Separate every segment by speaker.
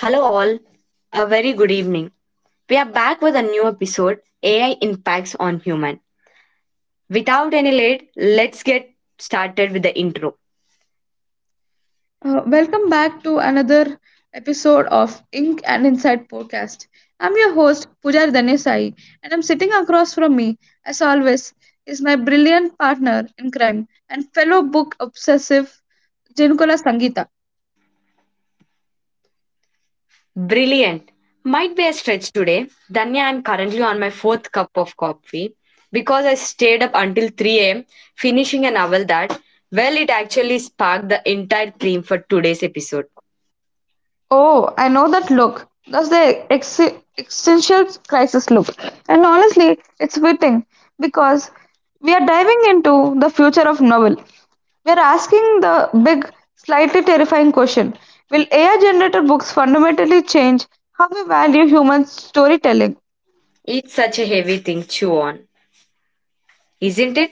Speaker 1: Hello, all. A very good evening. We are back with a new episode AI Impacts on Human. Without any lead, let's get started with the intro.
Speaker 2: Welcome back to another episode of Ink and Inside podcast. I'm your host Pujar Danesai, and I'm sitting across from me, as always, is my brilliant partner in crime and fellow book obsessive Janukula Sangita.
Speaker 1: Brilliant. Might be a stretch today. Danya, I'm currently on my fourth cup of coffee because I stayed up until 3 a.m. finishing a novel that it actually sparked the entire theme for today's episode.
Speaker 2: Oh, I know that look. That's the existential crisis look, and honestly, it's fitting because we are diving into the future of novel. We're asking the big, slightly terrifying question: will AI generated books fundamentally change how we value human storytelling?
Speaker 1: It's such a heavy thing, chew on, isn't it?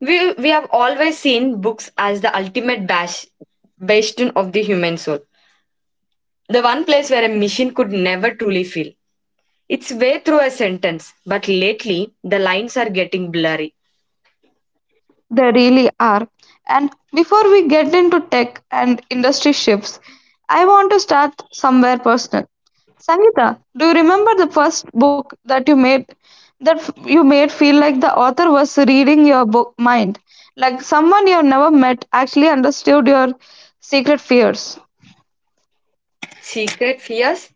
Speaker 1: We have always seen books as the ultimate bastion of the human soul, the one place where a machine could never truly feel it's way through a sentence, but lately the lines are getting blurry.
Speaker 2: They really are. And before we get into tech and industry shifts, I want to start somewhere personal. Sangeeta, do you remember the first book that you made that you made feel like the author was reading your book mind, like someone you have never met actually understood your secret fears?
Speaker 1: Secret fears?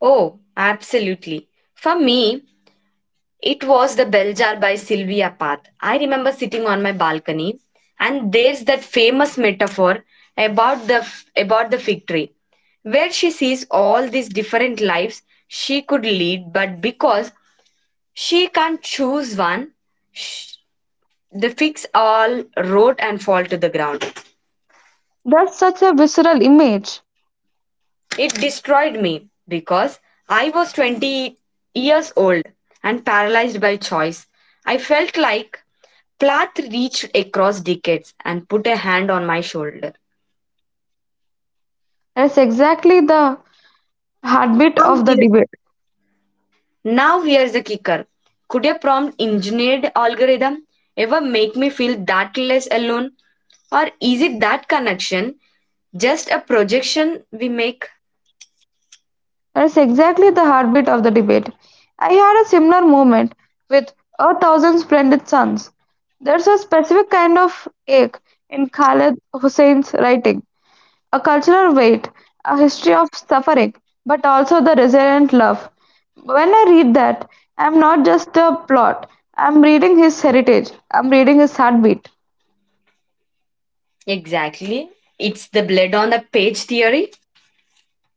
Speaker 1: Oh, absolutely. For me, it was The Bell Jar by Sylvia Plath. I remember sitting on my balcony, and there's that famous metaphor about the about the fig tree, where she sees all these different lives she could lead, but because she can't choose one, sh- the figs all rot and fall to the ground.
Speaker 2: That's such a visceral image.
Speaker 1: It destroyed me because I was 20 years old and paralyzed by choice. I felt like Plath reached across decades and put a hand on my shoulder.
Speaker 2: That's exactly the heartbeat
Speaker 1: Now
Speaker 2: of the
Speaker 1: here
Speaker 2: debate.
Speaker 1: Now here's the kicker. Could a prompt engineered algorithm ever make me feel that less alone? Or is it that connection just a projection we make?
Speaker 2: That's exactly the heartbeat of the debate. I had a similar moment with A Thousand Splendid Suns. There's a specific kind of ache in Khaled Hussein's writing, a cultural weight, a history of suffering, but also the resilient love. When I read that, I'm not just a plot, I'm reading his heritage, I'm reading his heartbeat.
Speaker 1: Exactly. It's the blood on the page theory.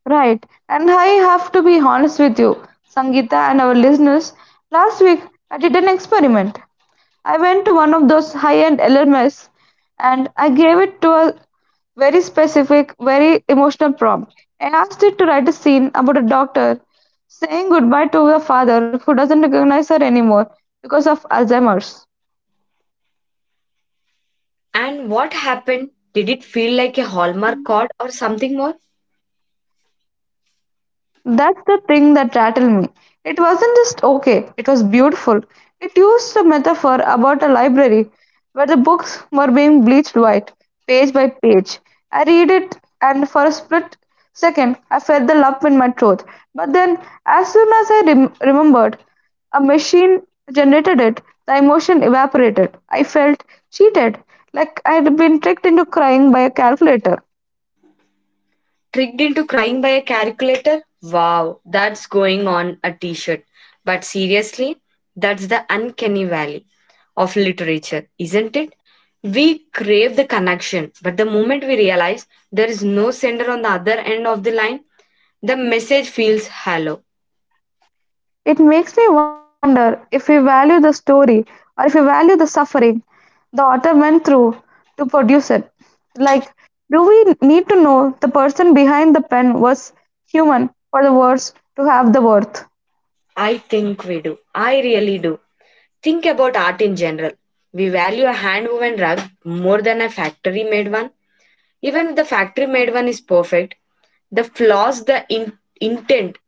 Speaker 2: Right. And I have to be honest with you, Sangeeta and our listeners. Last week, I did an experiment. I went to one of those high end LMS and I gave it to a very specific, very emotional prompt. I asked it to write a scene about a doctor saying goodbye to her father who doesn't recognize her anymore because of Alzheimer's.
Speaker 1: And what happened? Did it feel like a Hallmark card or something more?
Speaker 2: That's the thing that rattled me. It wasn't just okay, it was beautiful. It used a metaphor about a library where the books were being bleached white, page by page. I read it, and for a split second, I felt the lump in my throat. But then, as soon as I remembered, a machine generated it, the emotion evaporated. I felt cheated, like I had been tricked into crying by a calculator.
Speaker 1: Tricked into crying by a calculator? Wow, that's going on a t shirt. But seriously, that's the uncanny valley of literature, isn't it? We crave the connection, but the moment we realize there is no sender on the other end of the line, the message feels hollow.
Speaker 2: It makes me wonder if we value the story or if we value the suffering the author went through to produce it. Like, do we need to know the person behind the pen was human for the words to have the worth?
Speaker 1: I think we do. I really do. Think about art in general. We value a hand woven rug more than a factory made one. Even if the factory made one is perfect, the flaws, the intent,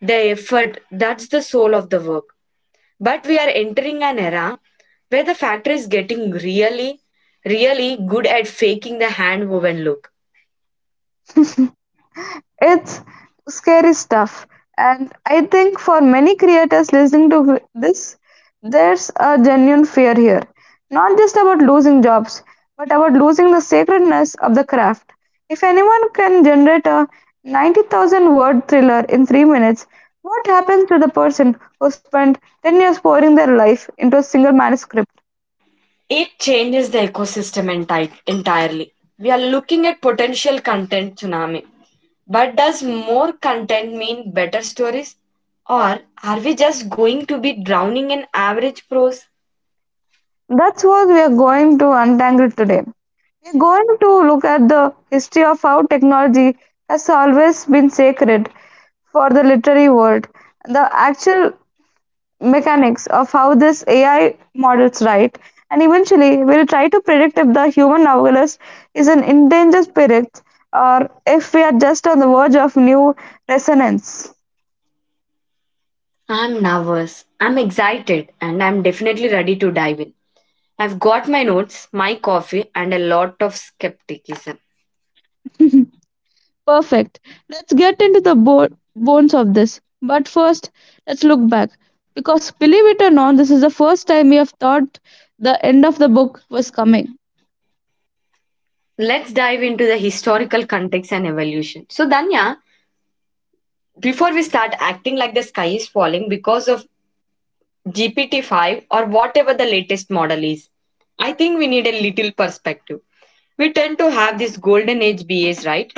Speaker 1: the effort, that's the soul of the work. But we are entering an era where the factory is getting really, really good at faking the hand woven look.
Speaker 2: It's scary stuff, and I think for many creators listening to this, there's a genuine fear here. Not just about losing jobs, but about losing the sacredness of the craft. If anyone can generate a 90,000 word thriller in 3 minutes, what happens to the person who spent 10 years pouring their life into a single manuscript?
Speaker 1: It changes the ecosystem entirely. We are looking at potential content tsunami. But does more content mean better stories? Or are we just going to be drowning in average prose?
Speaker 2: That's what we are going to untangle today. We're going to look at the history of how technology has always been sacred for the literary world, the actual mechanics of how this AI models write, and eventually we'll try to predict if the human novelist is an endangered spirit or if we are just on the verge of new resonance.
Speaker 1: I'm nervous. I'm excited and I'm definitely ready to dive in. I've got my notes, my coffee, and a lot of skepticism.
Speaker 2: Perfect. Let's get into the bones of this. But first, let's look back. Because believe it or not, this is the first time we have thought the end of the book was coming.
Speaker 1: Let's dive into the historical context and evolution. Danya, before we start acting like the sky is falling because of GPT-5 or whatever the latest model is. I think we need a little perspective. We tend to have this golden age bias, right?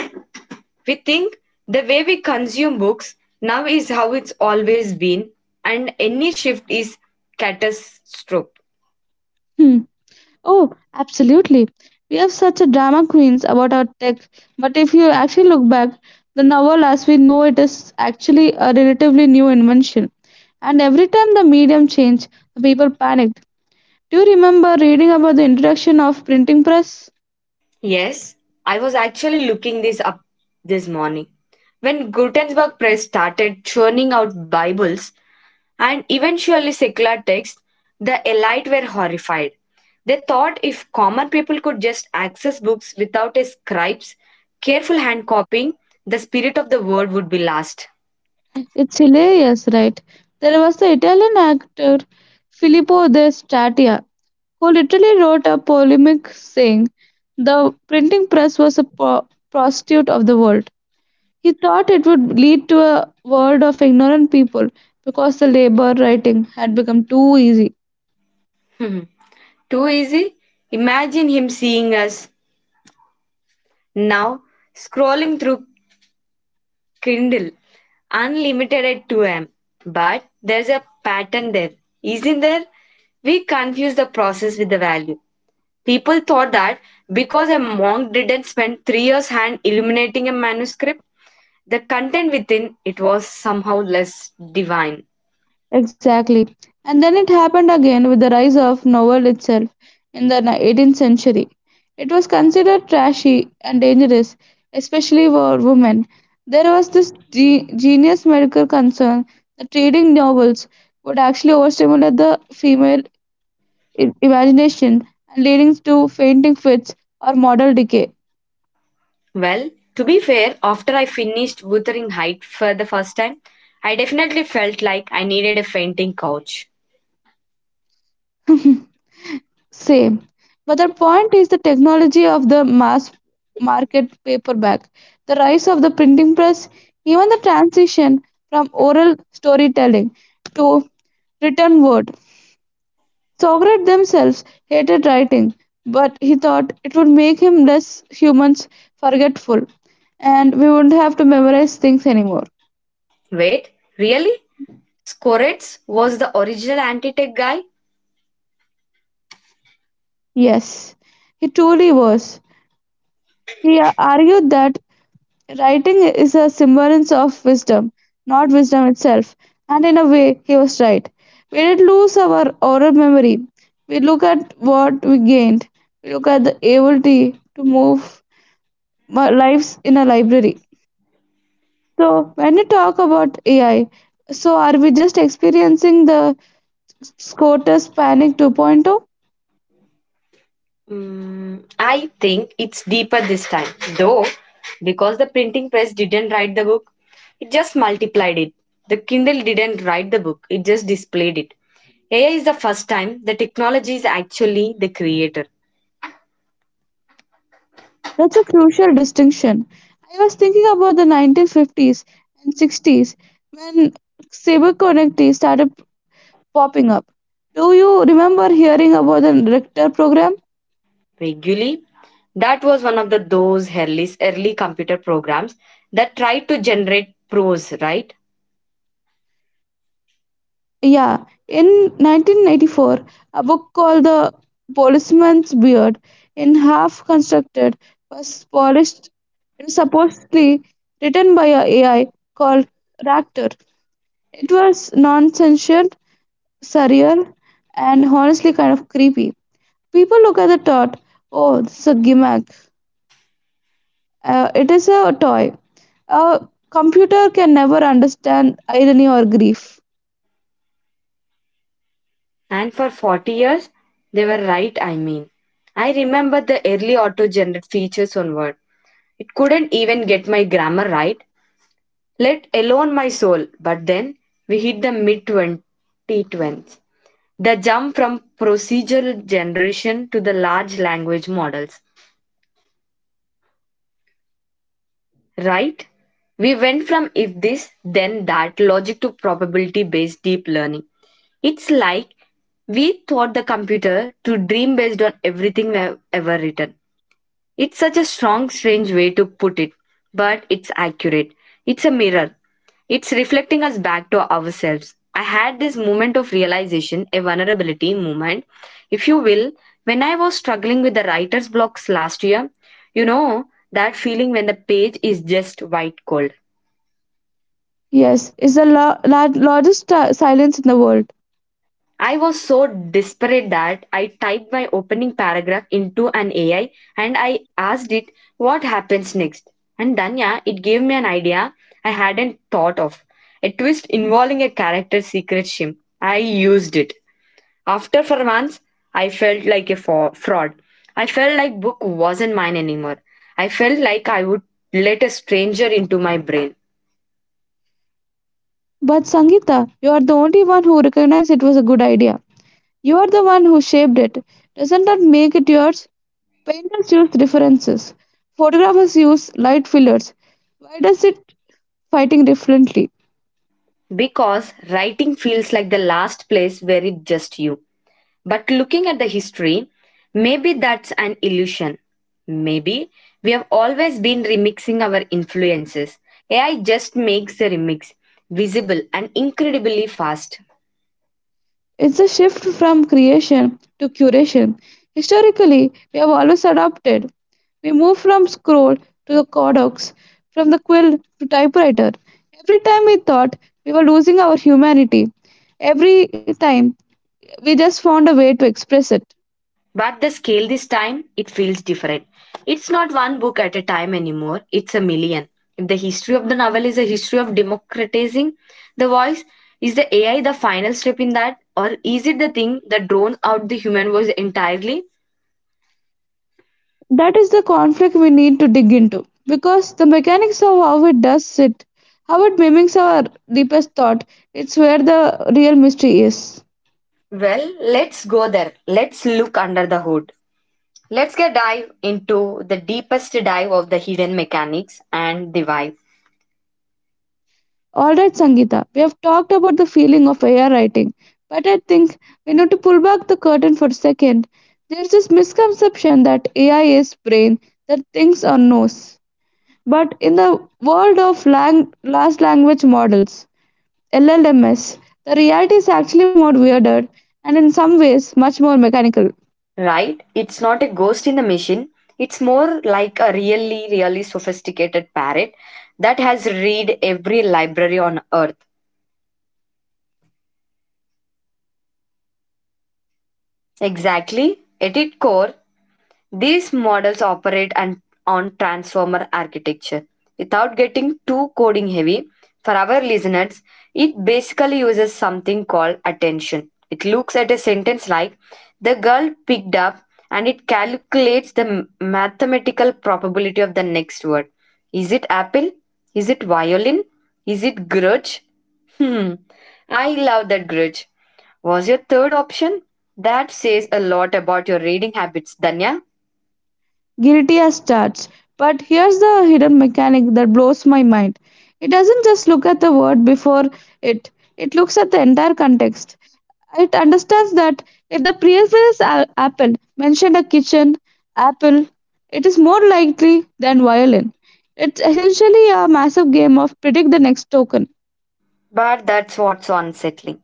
Speaker 1: We think the way we consume books now is how it's always been, and any shift is catastrophe.
Speaker 2: Hmm. Oh, absolutely. We have such a drama queens about our tech. But if you actually look back, the novel as we know it is actually a relatively new invention. And every time the medium changed, the people panicked. Do you remember reading about the introduction of printing press?
Speaker 1: Yes, I was actually looking this up this morning. When Gutenberg Press started churning out Bibles, and eventually secular texts, the elite were horrified. They thought if common people could just access books without a scribe's careful hand copying, the spirit of the word would be lost.
Speaker 2: It's hilarious, right? There was the Italian actor Filippo De Statia who literally wrote a polemic saying the printing press was a prostitute of the world. He thought it would lead to a world of ignorant people because the labor writing had become too easy.
Speaker 1: Too easy? Imagine him seeing us now scrolling through Kindle unlimited at 2 am. But there's a pattern there, isn't there? We confuse the process with the value. People thought that because a monk didn't spend 3 years hand illuminating a manuscript, the content within it was somehow less divine.
Speaker 2: Exactly. And then it happened again with the rise of novel itself in the 18th century. It was considered trashy and dangerous, especially for women. There was this genius medical concern that reading novels would actually overstimulate the female imagination and leading to fainting fits or model decay.
Speaker 1: Well, to be fair, after I finished Wuthering Heights for the first time, I definitely felt like I needed a fainting couch.
Speaker 2: Same. But the point is the technology of the mass market paperback, the rise of the printing press, even the transition from oral storytelling to written word. Socrates themselves hated writing, but he thought it would make him less humans forgetful and we wouldn't have to memorize things anymore.
Speaker 1: Wait, really? Scorex was the original anti-tech guy.
Speaker 2: Yes, he truly was. He argued that writing is a semblance of wisdom, not wisdom itself. And in a way, he was right. We did lose our oral memory. We look at what we gained. We look at the ability to move our lives in a library. So, when you talk about AI, so are we just experiencing the SCOTUS Panic 2.0?
Speaker 1: I think it's deeper this time, though, because the printing press didn't write the book, it just multiplied it. The Kindle didn't write the book, it just displayed it. AI is the first time the technology is actually the creator.
Speaker 2: That's a crucial distinction. I was thinking about the 1950s and 60s when cyberconnectivity started popping up. Do you remember hearing about the Richter program?
Speaker 1: Vaguely, that was one of the those early computer programs that tried to generate prose, right?
Speaker 2: Yeah, in 1994, a book called The Policeman's Beard, in half constructed, was polished and supposedly written by a AI called Ractor. It was nonsensical, surreal, and honestly kind of creepy. People look at the thought, oh, this is a gimmick. It is a toy. A computer can never understand irony or grief.
Speaker 1: And for 40 years, they were right, I mean. I remember the early auto generated features on Word. It couldn't even get my grammar right, let alone my soul. But then we hit the mid 2020s. The jump from procedural generation to the large language models, right? We went from if this, then that logic to probability based deep learning. It's like we taught the computer to dream based on everything we have ever written. It's such a strange way to put it, but it's accurate. It's a mirror. It's reflecting us back to ourselves. I had this moment of realization, a vulnerability moment, if you will, when I was struggling with the writer's blocks last year. You know, that feeling when the page is just white cold.
Speaker 2: Yes, it's the largest silence in the world.
Speaker 1: I was so desperate that I typed my opening paragraph into an AI and I asked it what happens next. And Danya, it gave me an idea I hadn't thought of. A twist involving a character's secret shim. I used it. After for months, I felt like a fraud. I felt like book wasn't mine anymore. I felt like I would let a stranger into my brain.
Speaker 2: But Sangeeta, you are the only one who recognized it was a good idea. You are the one who shaped it. Doesn't that make it yours? Painters use references. Photographers use light fillers. Why does it fighting differently?
Speaker 1: Because writing feels like the last place where it's just you. But looking at the history, maybe that's an illusion. Maybe we have always been remixing our influences. AI just makes the remix visible and incredibly fast.
Speaker 2: It's a shift from creation to curation. Historically, we have always adopted. We move from scroll to the codex, from the quill to typewriter. Every time we thought we were losing our humanity, every time we just found a way to express it.
Speaker 1: But the scale this time, it feels different. It's not one book at a time anymore, it's a million. If the history of the novel is a history of democratizing the voice, is the AI the final step in that? Or is it the thing that drowns out the human voice entirely?
Speaker 2: That is the conflict we need to dig into because the mechanics of how it does it, how it mimics our deepest thought, it's where the real mystery is.
Speaker 1: Well, let's go there. Let's look under the hood. Let's get dive into the deepest dive of the hidden mechanics and the vibe.
Speaker 2: All right, Sangeeta, we have talked about the feeling of AI writing, but I think we need to pull back the curtain for a second. There's this misconception that AI is brain that thinks or knows. But in the world of large language models, LLMs, the reality is actually more weirder and in some ways much more mechanical.
Speaker 1: Right? It's not a ghost in the machine. It's more like a really, really sophisticated parrot that has read every library on earth. Exactly. At its core, these models operate and on transformer architecture. Without getting too coding heavy, for our listeners, it basically uses something called attention. It looks at a sentence like, the girl picked up, and it calculates the mathematical probability of the next word. Is it apple? Is it violin? Is it grudge? Hmm, I love that grudge. Was your third option? That says a lot about your reading habits, Danya.
Speaker 2: Guilty as charged. But here's the hidden mechanic that blows my mind. It doesn't just look at the word before it, it looks at the entire context. It understands that if the previous apple mentioned a kitchen apple, it is more likely than violin. It's essentially a massive game of predict the next token.
Speaker 1: But that's what's unsettling,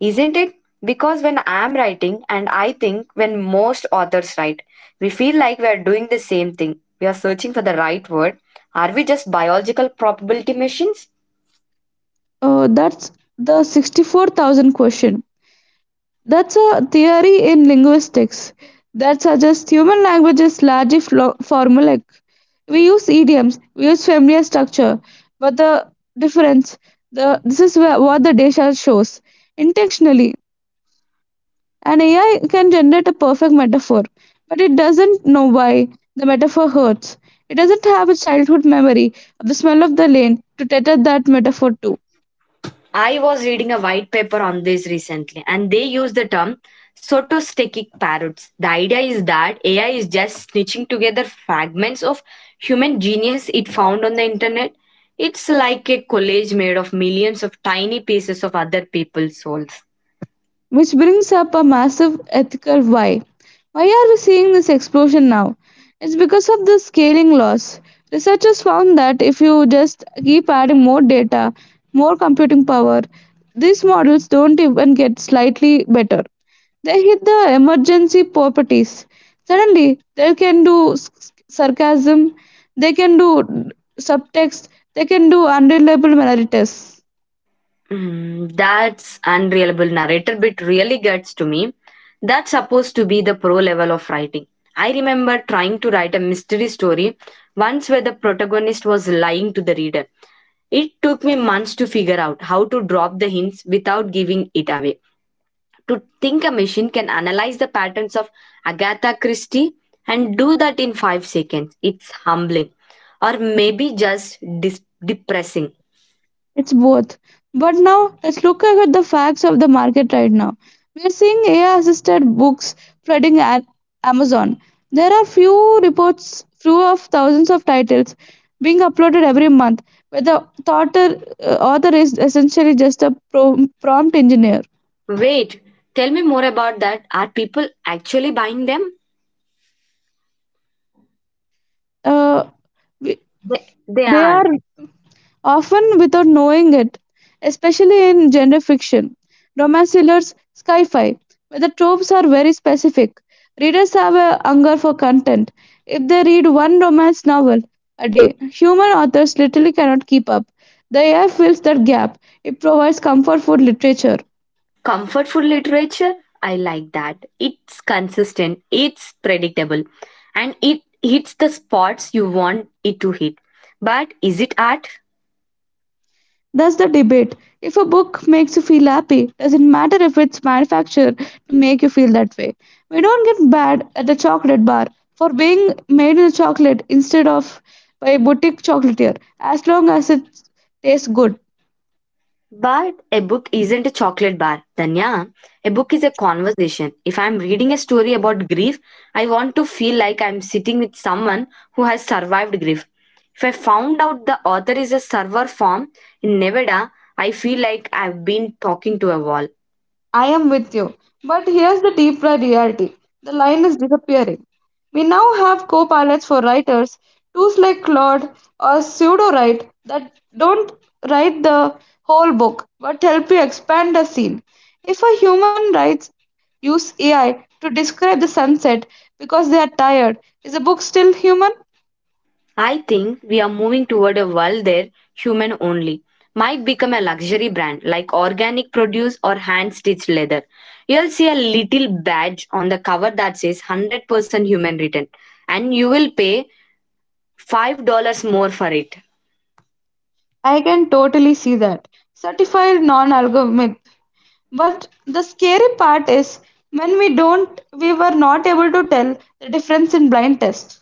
Speaker 1: isn't it? Because when I'm writing, and I think when most authors write, we feel like we are doing the same thing. We are searching for the right word. Are we just biological probability machines?
Speaker 2: That's the 64,000 question. That's a theory in linguistics that suggests human language is largely formulaic. We use idioms, we use familiar structure, but the difference, the this is where, what the data shows intentionally. And AI can generate a perfect metaphor, but it doesn't know why the metaphor hurts. It doesn't have a childhood memory of the smell of the lane to tether that metaphor to.
Speaker 1: I was reading a white paper on this recently, and they use the term sotostatic parrots. The idea is that AI is just snitching together fragments of human genius it found on the internet. It's like a collage made of millions of tiny pieces of other people's souls.
Speaker 2: Which brings up a massive ethical why. Why are we seeing this explosion now? It's because of the scaling laws. Researchers found that if you just keep adding more data, more computing power, these models don't even get slightly better. They hit the emergency properties. Suddenly, they can do sarcasm, they can do subtext, they can do unreliable narratives.
Speaker 1: That's unreliable narrator bit really gets to me. That's supposed to be the pro level of writing. I remember trying to write a mystery story once where the protagonist was lying to the reader. It took me months to figure out how to drop the hints without giving it away. To think a machine can analyze the patterns of Agatha Christie and do that in 5 seconds, it's humbling or maybe just depressing.
Speaker 2: It's both. But now, let's look at the facts of the market right now. We're seeing AI assisted books flooding at Amazon. There are few reports, few of thousands of titles being uploaded every month, where the author, author is essentially just a prompt engineer.
Speaker 1: Wait, tell me more about that. Are people actually buying them?
Speaker 2: uh, we-
Speaker 1: They
Speaker 2: they
Speaker 1: are.
Speaker 2: are often without knowing it, especially in gender fiction, romance thrillers, sci fi, where the tropes are very specific. Readers have a hunger for content. If they read one romance novel a day, human authors literally cannot keep up. The AI fills that gap, it provides comfort food literature.
Speaker 1: Comfort food literature? I like that. It's consistent, it's predictable, and it hits the spots you want it to hit. But is it art?
Speaker 2: That's the debate. If a book makes you feel happy, doesn't matter if it's manufactured to make you feel that way. We don't get bad at the chocolate bar for being made in a chocolate instead of by a boutique chocolatier, as long as it tastes good.
Speaker 1: But a book isn't a chocolate bar, Danya. A book is a conversation. If I'm reading a story about grief, I want to feel like I'm sitting with someone who has survived grief. If I found out the author is a server farm in Nevada, I feel like I've been talking to a wall.
Speaker 2: I am with you. But here's the deeper reality the line is disappearing. We now have co pilots for writers, tools like Claude or Pseudo Write that don't write the whole book but help you expand a scene. If a human writes use AI to describe the sunset because they are tired, is the book still human?
Speaker 1: I think we are moving toward a world there human only might become a luxury brand like organic produce or hand stitched leather. You'll see a little badge on the cover that says 100% human written and you will pay $5 more for it.
Speaker 2: I can totally see that. Certified non algorithmic. But the scary part is when we don't, we were not able to tell the difference in blind tests.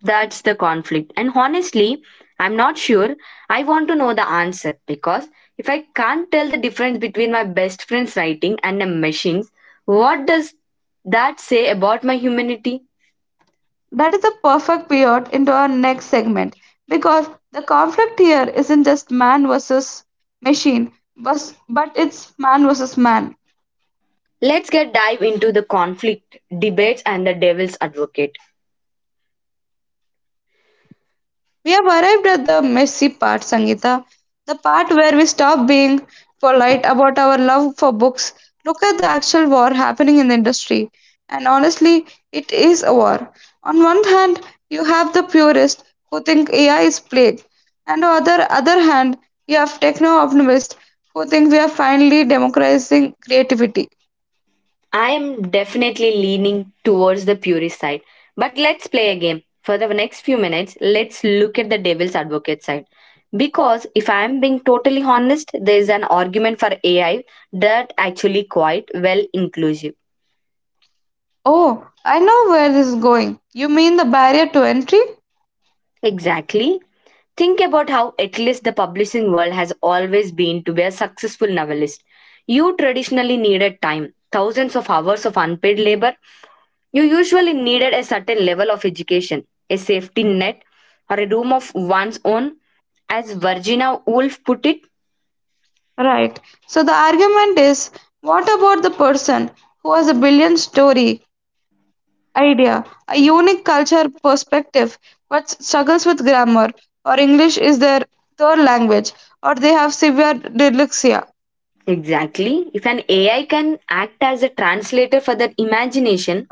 Speaker 1: That's the conflict. And honestly, I'm not sure I want to know the answer because if I can't tell the difference between my best friend's writing and a machine's, what does that say about my humanity?
Speaker 2: That is a perfect pivot into our next segment because the conflict here isn't just man versus machine, but it's man versus man.
Speaker 1: Let's get dive into the conflict, debates, and the devil's advocate.
Speaker 2: We have arrived at the messy part, Sangeeta. The part where we stop being polite about our love for books, look at the actual war happening in the industry. And honestly, it is a war. On one hand, you have the purists who think AI is plague. And on the other hand, you have techno optimists who think we are finally democratizing creativity.
Speaker 1: I am definitely leaning towards the purist side, but let's play a game. For the next few minutes, let's look at the devil's advocate side. Because if I am being totally honest, there is an argument for AI that actually quite well inclusive.
Speaker 2: Oh, I know where this is going. You mean the barrier to entry?
Speaker 1: Exactly. Think about how at least the publishing world has always been to be a successful novelist. You traditionally needed time, thousands of hours of unpaid labor. You usually needed a certain level of education, a safety net, or a room of one's own. As Virginia Woolf put it,
Speaker 2: Right. So the argument is, what about the person who has a brilliant story, idea, a unique culture perspective, but struggles with grammar, or English is their third language, or they have severe dyslexia?
Speaker 1: exactly. If an AI can act as a translator for their imagination,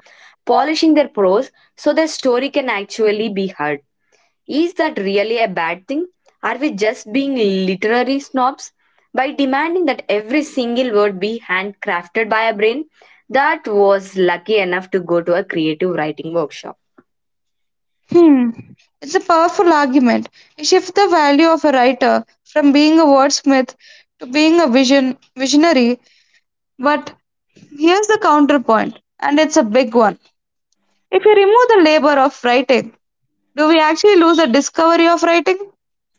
Speaker 1: polishing their prose so their story can actually be heard. Is that really a bad thing? Are we just being literary snobs by demanding that every single word be handcrafted by a brain that was lucky enough to go to a creative writing workshop?
Speaker 2: Hmm. It's a powerful argument. You shift the value of a writer from being a wordsmith to being a visionary. But here's the counterpoint, and it's a big one. If you remove the labor of writing, do we actually lose the discovery of writing?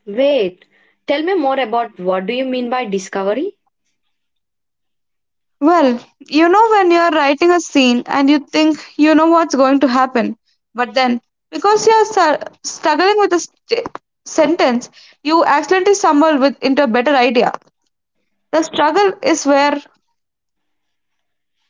Speaker 1: Wait, tell me more about what do you mean by discovery?
Speaker 2: Well, you know, when you're writing a scene and you think you know what's going to happen, but then because you're struggling with a sentence, you accidentally stumble with, into a better idea. The struggle is where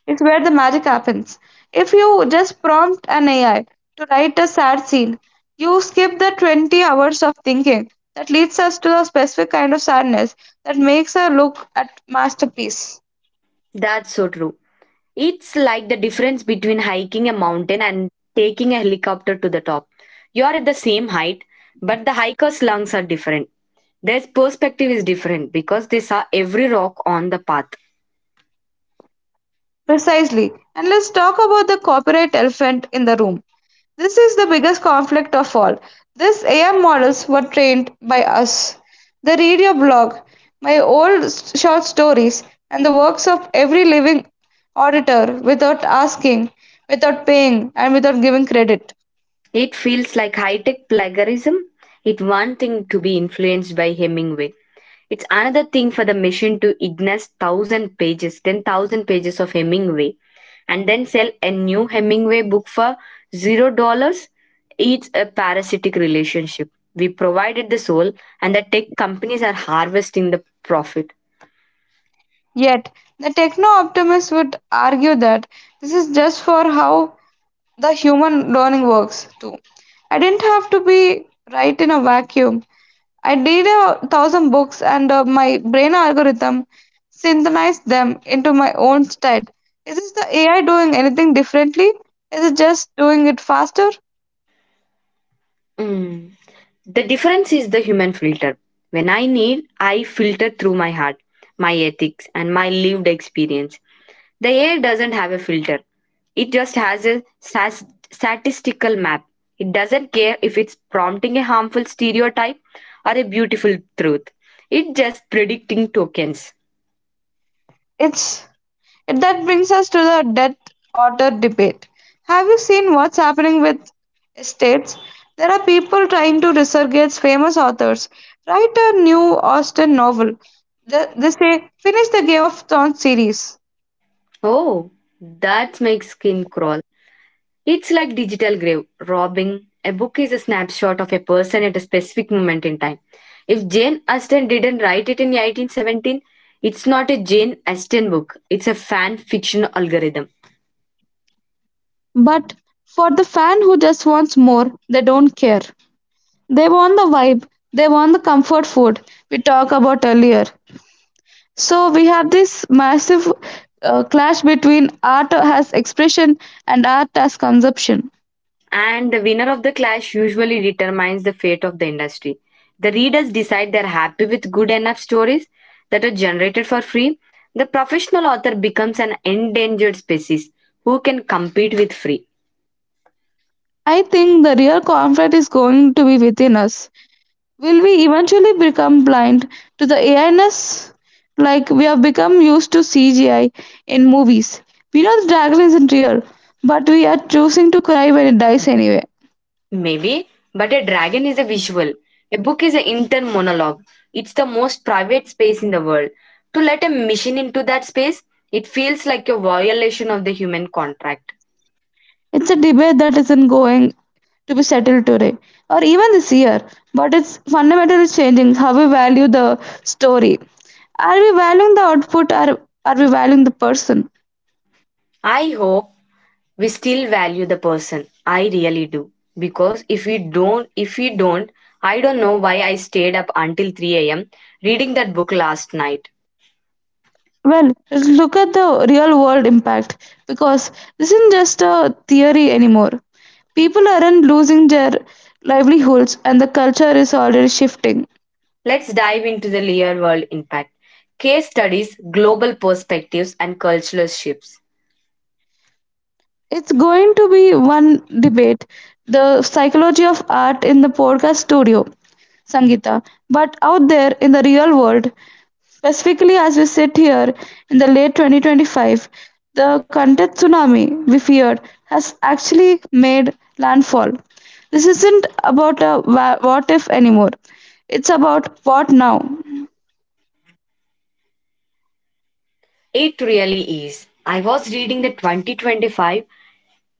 Speaker 2: is where the magic happens. If you just prompt an AI to write a sad scene, you skip the 20 hours of thinking that leads us to a specific kind of sadness that makes a look at masterpiece.
Speaker 1: That's so true. It's like the difference between hiking a mountain and taking a helicopter to the top. You are at the same height, but the hiker's lungs are different. Their perspective is different because they saw every rock on the path.
Speaker 2: Precisely. And let's talk about the copyright elephant in the room. This is the biggest conflict of all. These AI models were trained by us. They read your blog, my old short stories, and the works of every living auditor without asking, without paying, and without giving credit.
Speaker 1: It feels like high tech plagiarism. It's one thing to be influenced by Hemingway. It's another thing for the machine to ignore thousand pages, 10,000 pages of Hemingway, and then sell a new Hemingway book for $0. It's a parasitic relationship. We provided the soul, and the tech companies are harvesting the profit.
Speaker 2: Yet, the techno optimists would argue that this is just for how the human learning works, too. I didn't have to be right in a vacuum. I did a thousand books, and my brain algorithm synthesized them into my own state. Is this the AI doing anything differently? Is it just doing it faster?
Speaker 1: Mm. The difference is the human filter. When I need, I filter through my heart, my ethics, and my lived experience. The AI doesn't have a filter. It just has a statistical map. It doesn't care if it's prompting a harmful stereotype or a beautiful truth. It's just predicting tokens.
Speaker 2: It's and that brings us to the debt author debate. Have you seen what's happening with estates? There are people trying to resurrect famous authors. Write a new Austen novel. They say, finish the Game of Thrones series.
Speaker 1: Oh, that makes skin crawl. It's like digital grave robbing. A book is a snapshot of a person at a specific moment in time. If Jane Austen didn't write it in 1817, it's not a Jane Austen book. It's a fan fiction algorithm.
Speaker 2: But for the fan who just wants more, they don't care. They want the vibe, they want the comfort food we talked about earlier. So we have this massive clash between art as expression and art as consumption.
Speaker 1: And the winner of the clash usually determines the fate of the industry. The readers decide they're happy with good enough stories that are generated for free. The professional author becomes an endangered species who can compete with free.
Speaker 2: I think the real conflict is going to be within us. Will we eventually become blind to the AI-ness like we have become used to CGI in movies? We know the dragon isn't real, but we are choosing to cry when it dies anyway.
Speaker 1: Maybe, but a dragon is a visual. A book is an intern monologue. It's the most private space in the world. To let a machine into that space, it feels like a violation of the human contract.
Speaker 2: It's a debate that isn't going to be settled today or even this year, but it's fundamentally changing how we value the story. Are we valuing the output, or are we valuing the person?
Speaker 1: I hope we still value the person. I really do. Because if we don't, I don't know why I stayed up until 3 a.m. reading that book last night.
Speaker 2: Well, look at the real world impact because this isn't just a theory anymore. People aren't losing their livelihoods and the culture is already shifting.
Speaker 1: Let's dive into the real world impact. Case studies, global perspectives, and cultural shifts.
Speaker 2: It's going to be one debate, the psychology of art in the podcast studio, Sangita, but out there in the real world, specifically, as we sit here in the late 2025, the Kantet tsunami we feared has actually made landfall. This isn't about a what if anymore, it's about what now.
Speaker 1: It really is. I was reading the 2025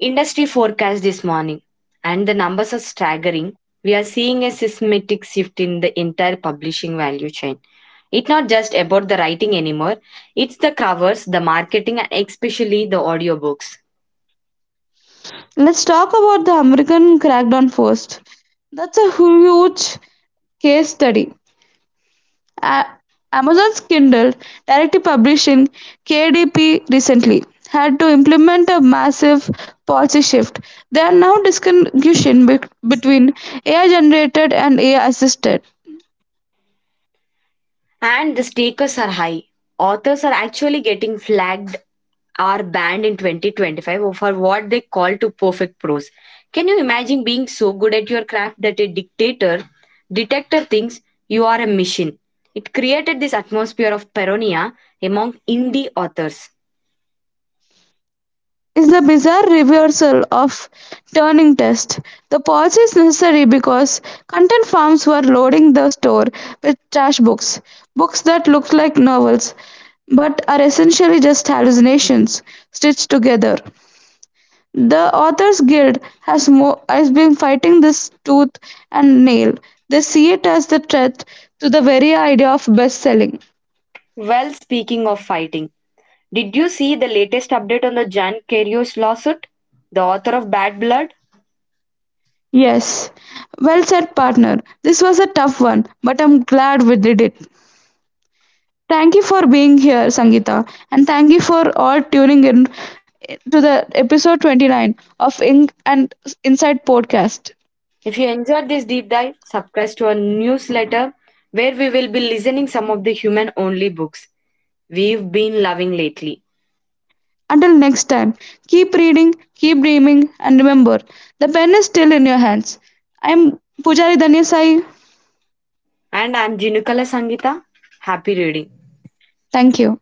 Speaker 1: industry forecast this morning, and the numbers are staggering. We are seeing a seismic shift in the entire publishing value chain. It's not just about the writing anymore, it's the covers, the marketing, and especially the audiobooks.
Speaker 2: Let's talk about the American crackdown first. That's a huge case study. A- Amazon's Kindle, Direct publishing KDP recently, had to implement a massive policy shift. There are now distinction between AI generated and AI assisted.
Speaker 1: And the stakes are high. Authors are actually getting flagged or banned in 2025 for what they call to perfect prose. Can you imagine being so good at your craft that a dictator detector thinks you are a machine? It created this atmosphere of paranoia among indie authors.
Speaker 2: It's the bizarre reversal of turning test. The policy is necessary because content farms were loading the store with trash books, books that look like novels but are essentially just hallucinations stitched together. The Authors Guild has has been fighting this tooth and nail. They see it as the threat to the very idea of best-selling.
Speaker 1: Well, speaking of fighting, did you see the latest update on the Jan Karius lawsuit? The author of Bad Blood?
Speaker 2: Yes. Well said, partner. This was a tough one, but I'm glad we did it. Thank you for being here, Sangeeta, and thank you for all tuning in to the episode 29 of Ink and Inside podcast.
Speaker 1: If you enjoyed this deep dive, subscribe to our newsletter where we will be listening some of the human only books we've been loving lately.
Speaker 2: Until next time, keep reading, keep dreaming, and remember the pen is still in your hands. I'm Pujari Danyasai.
Speaker 1: And I'm Jinukala Sangita. Happy reading.
Speaker 2: Thank you.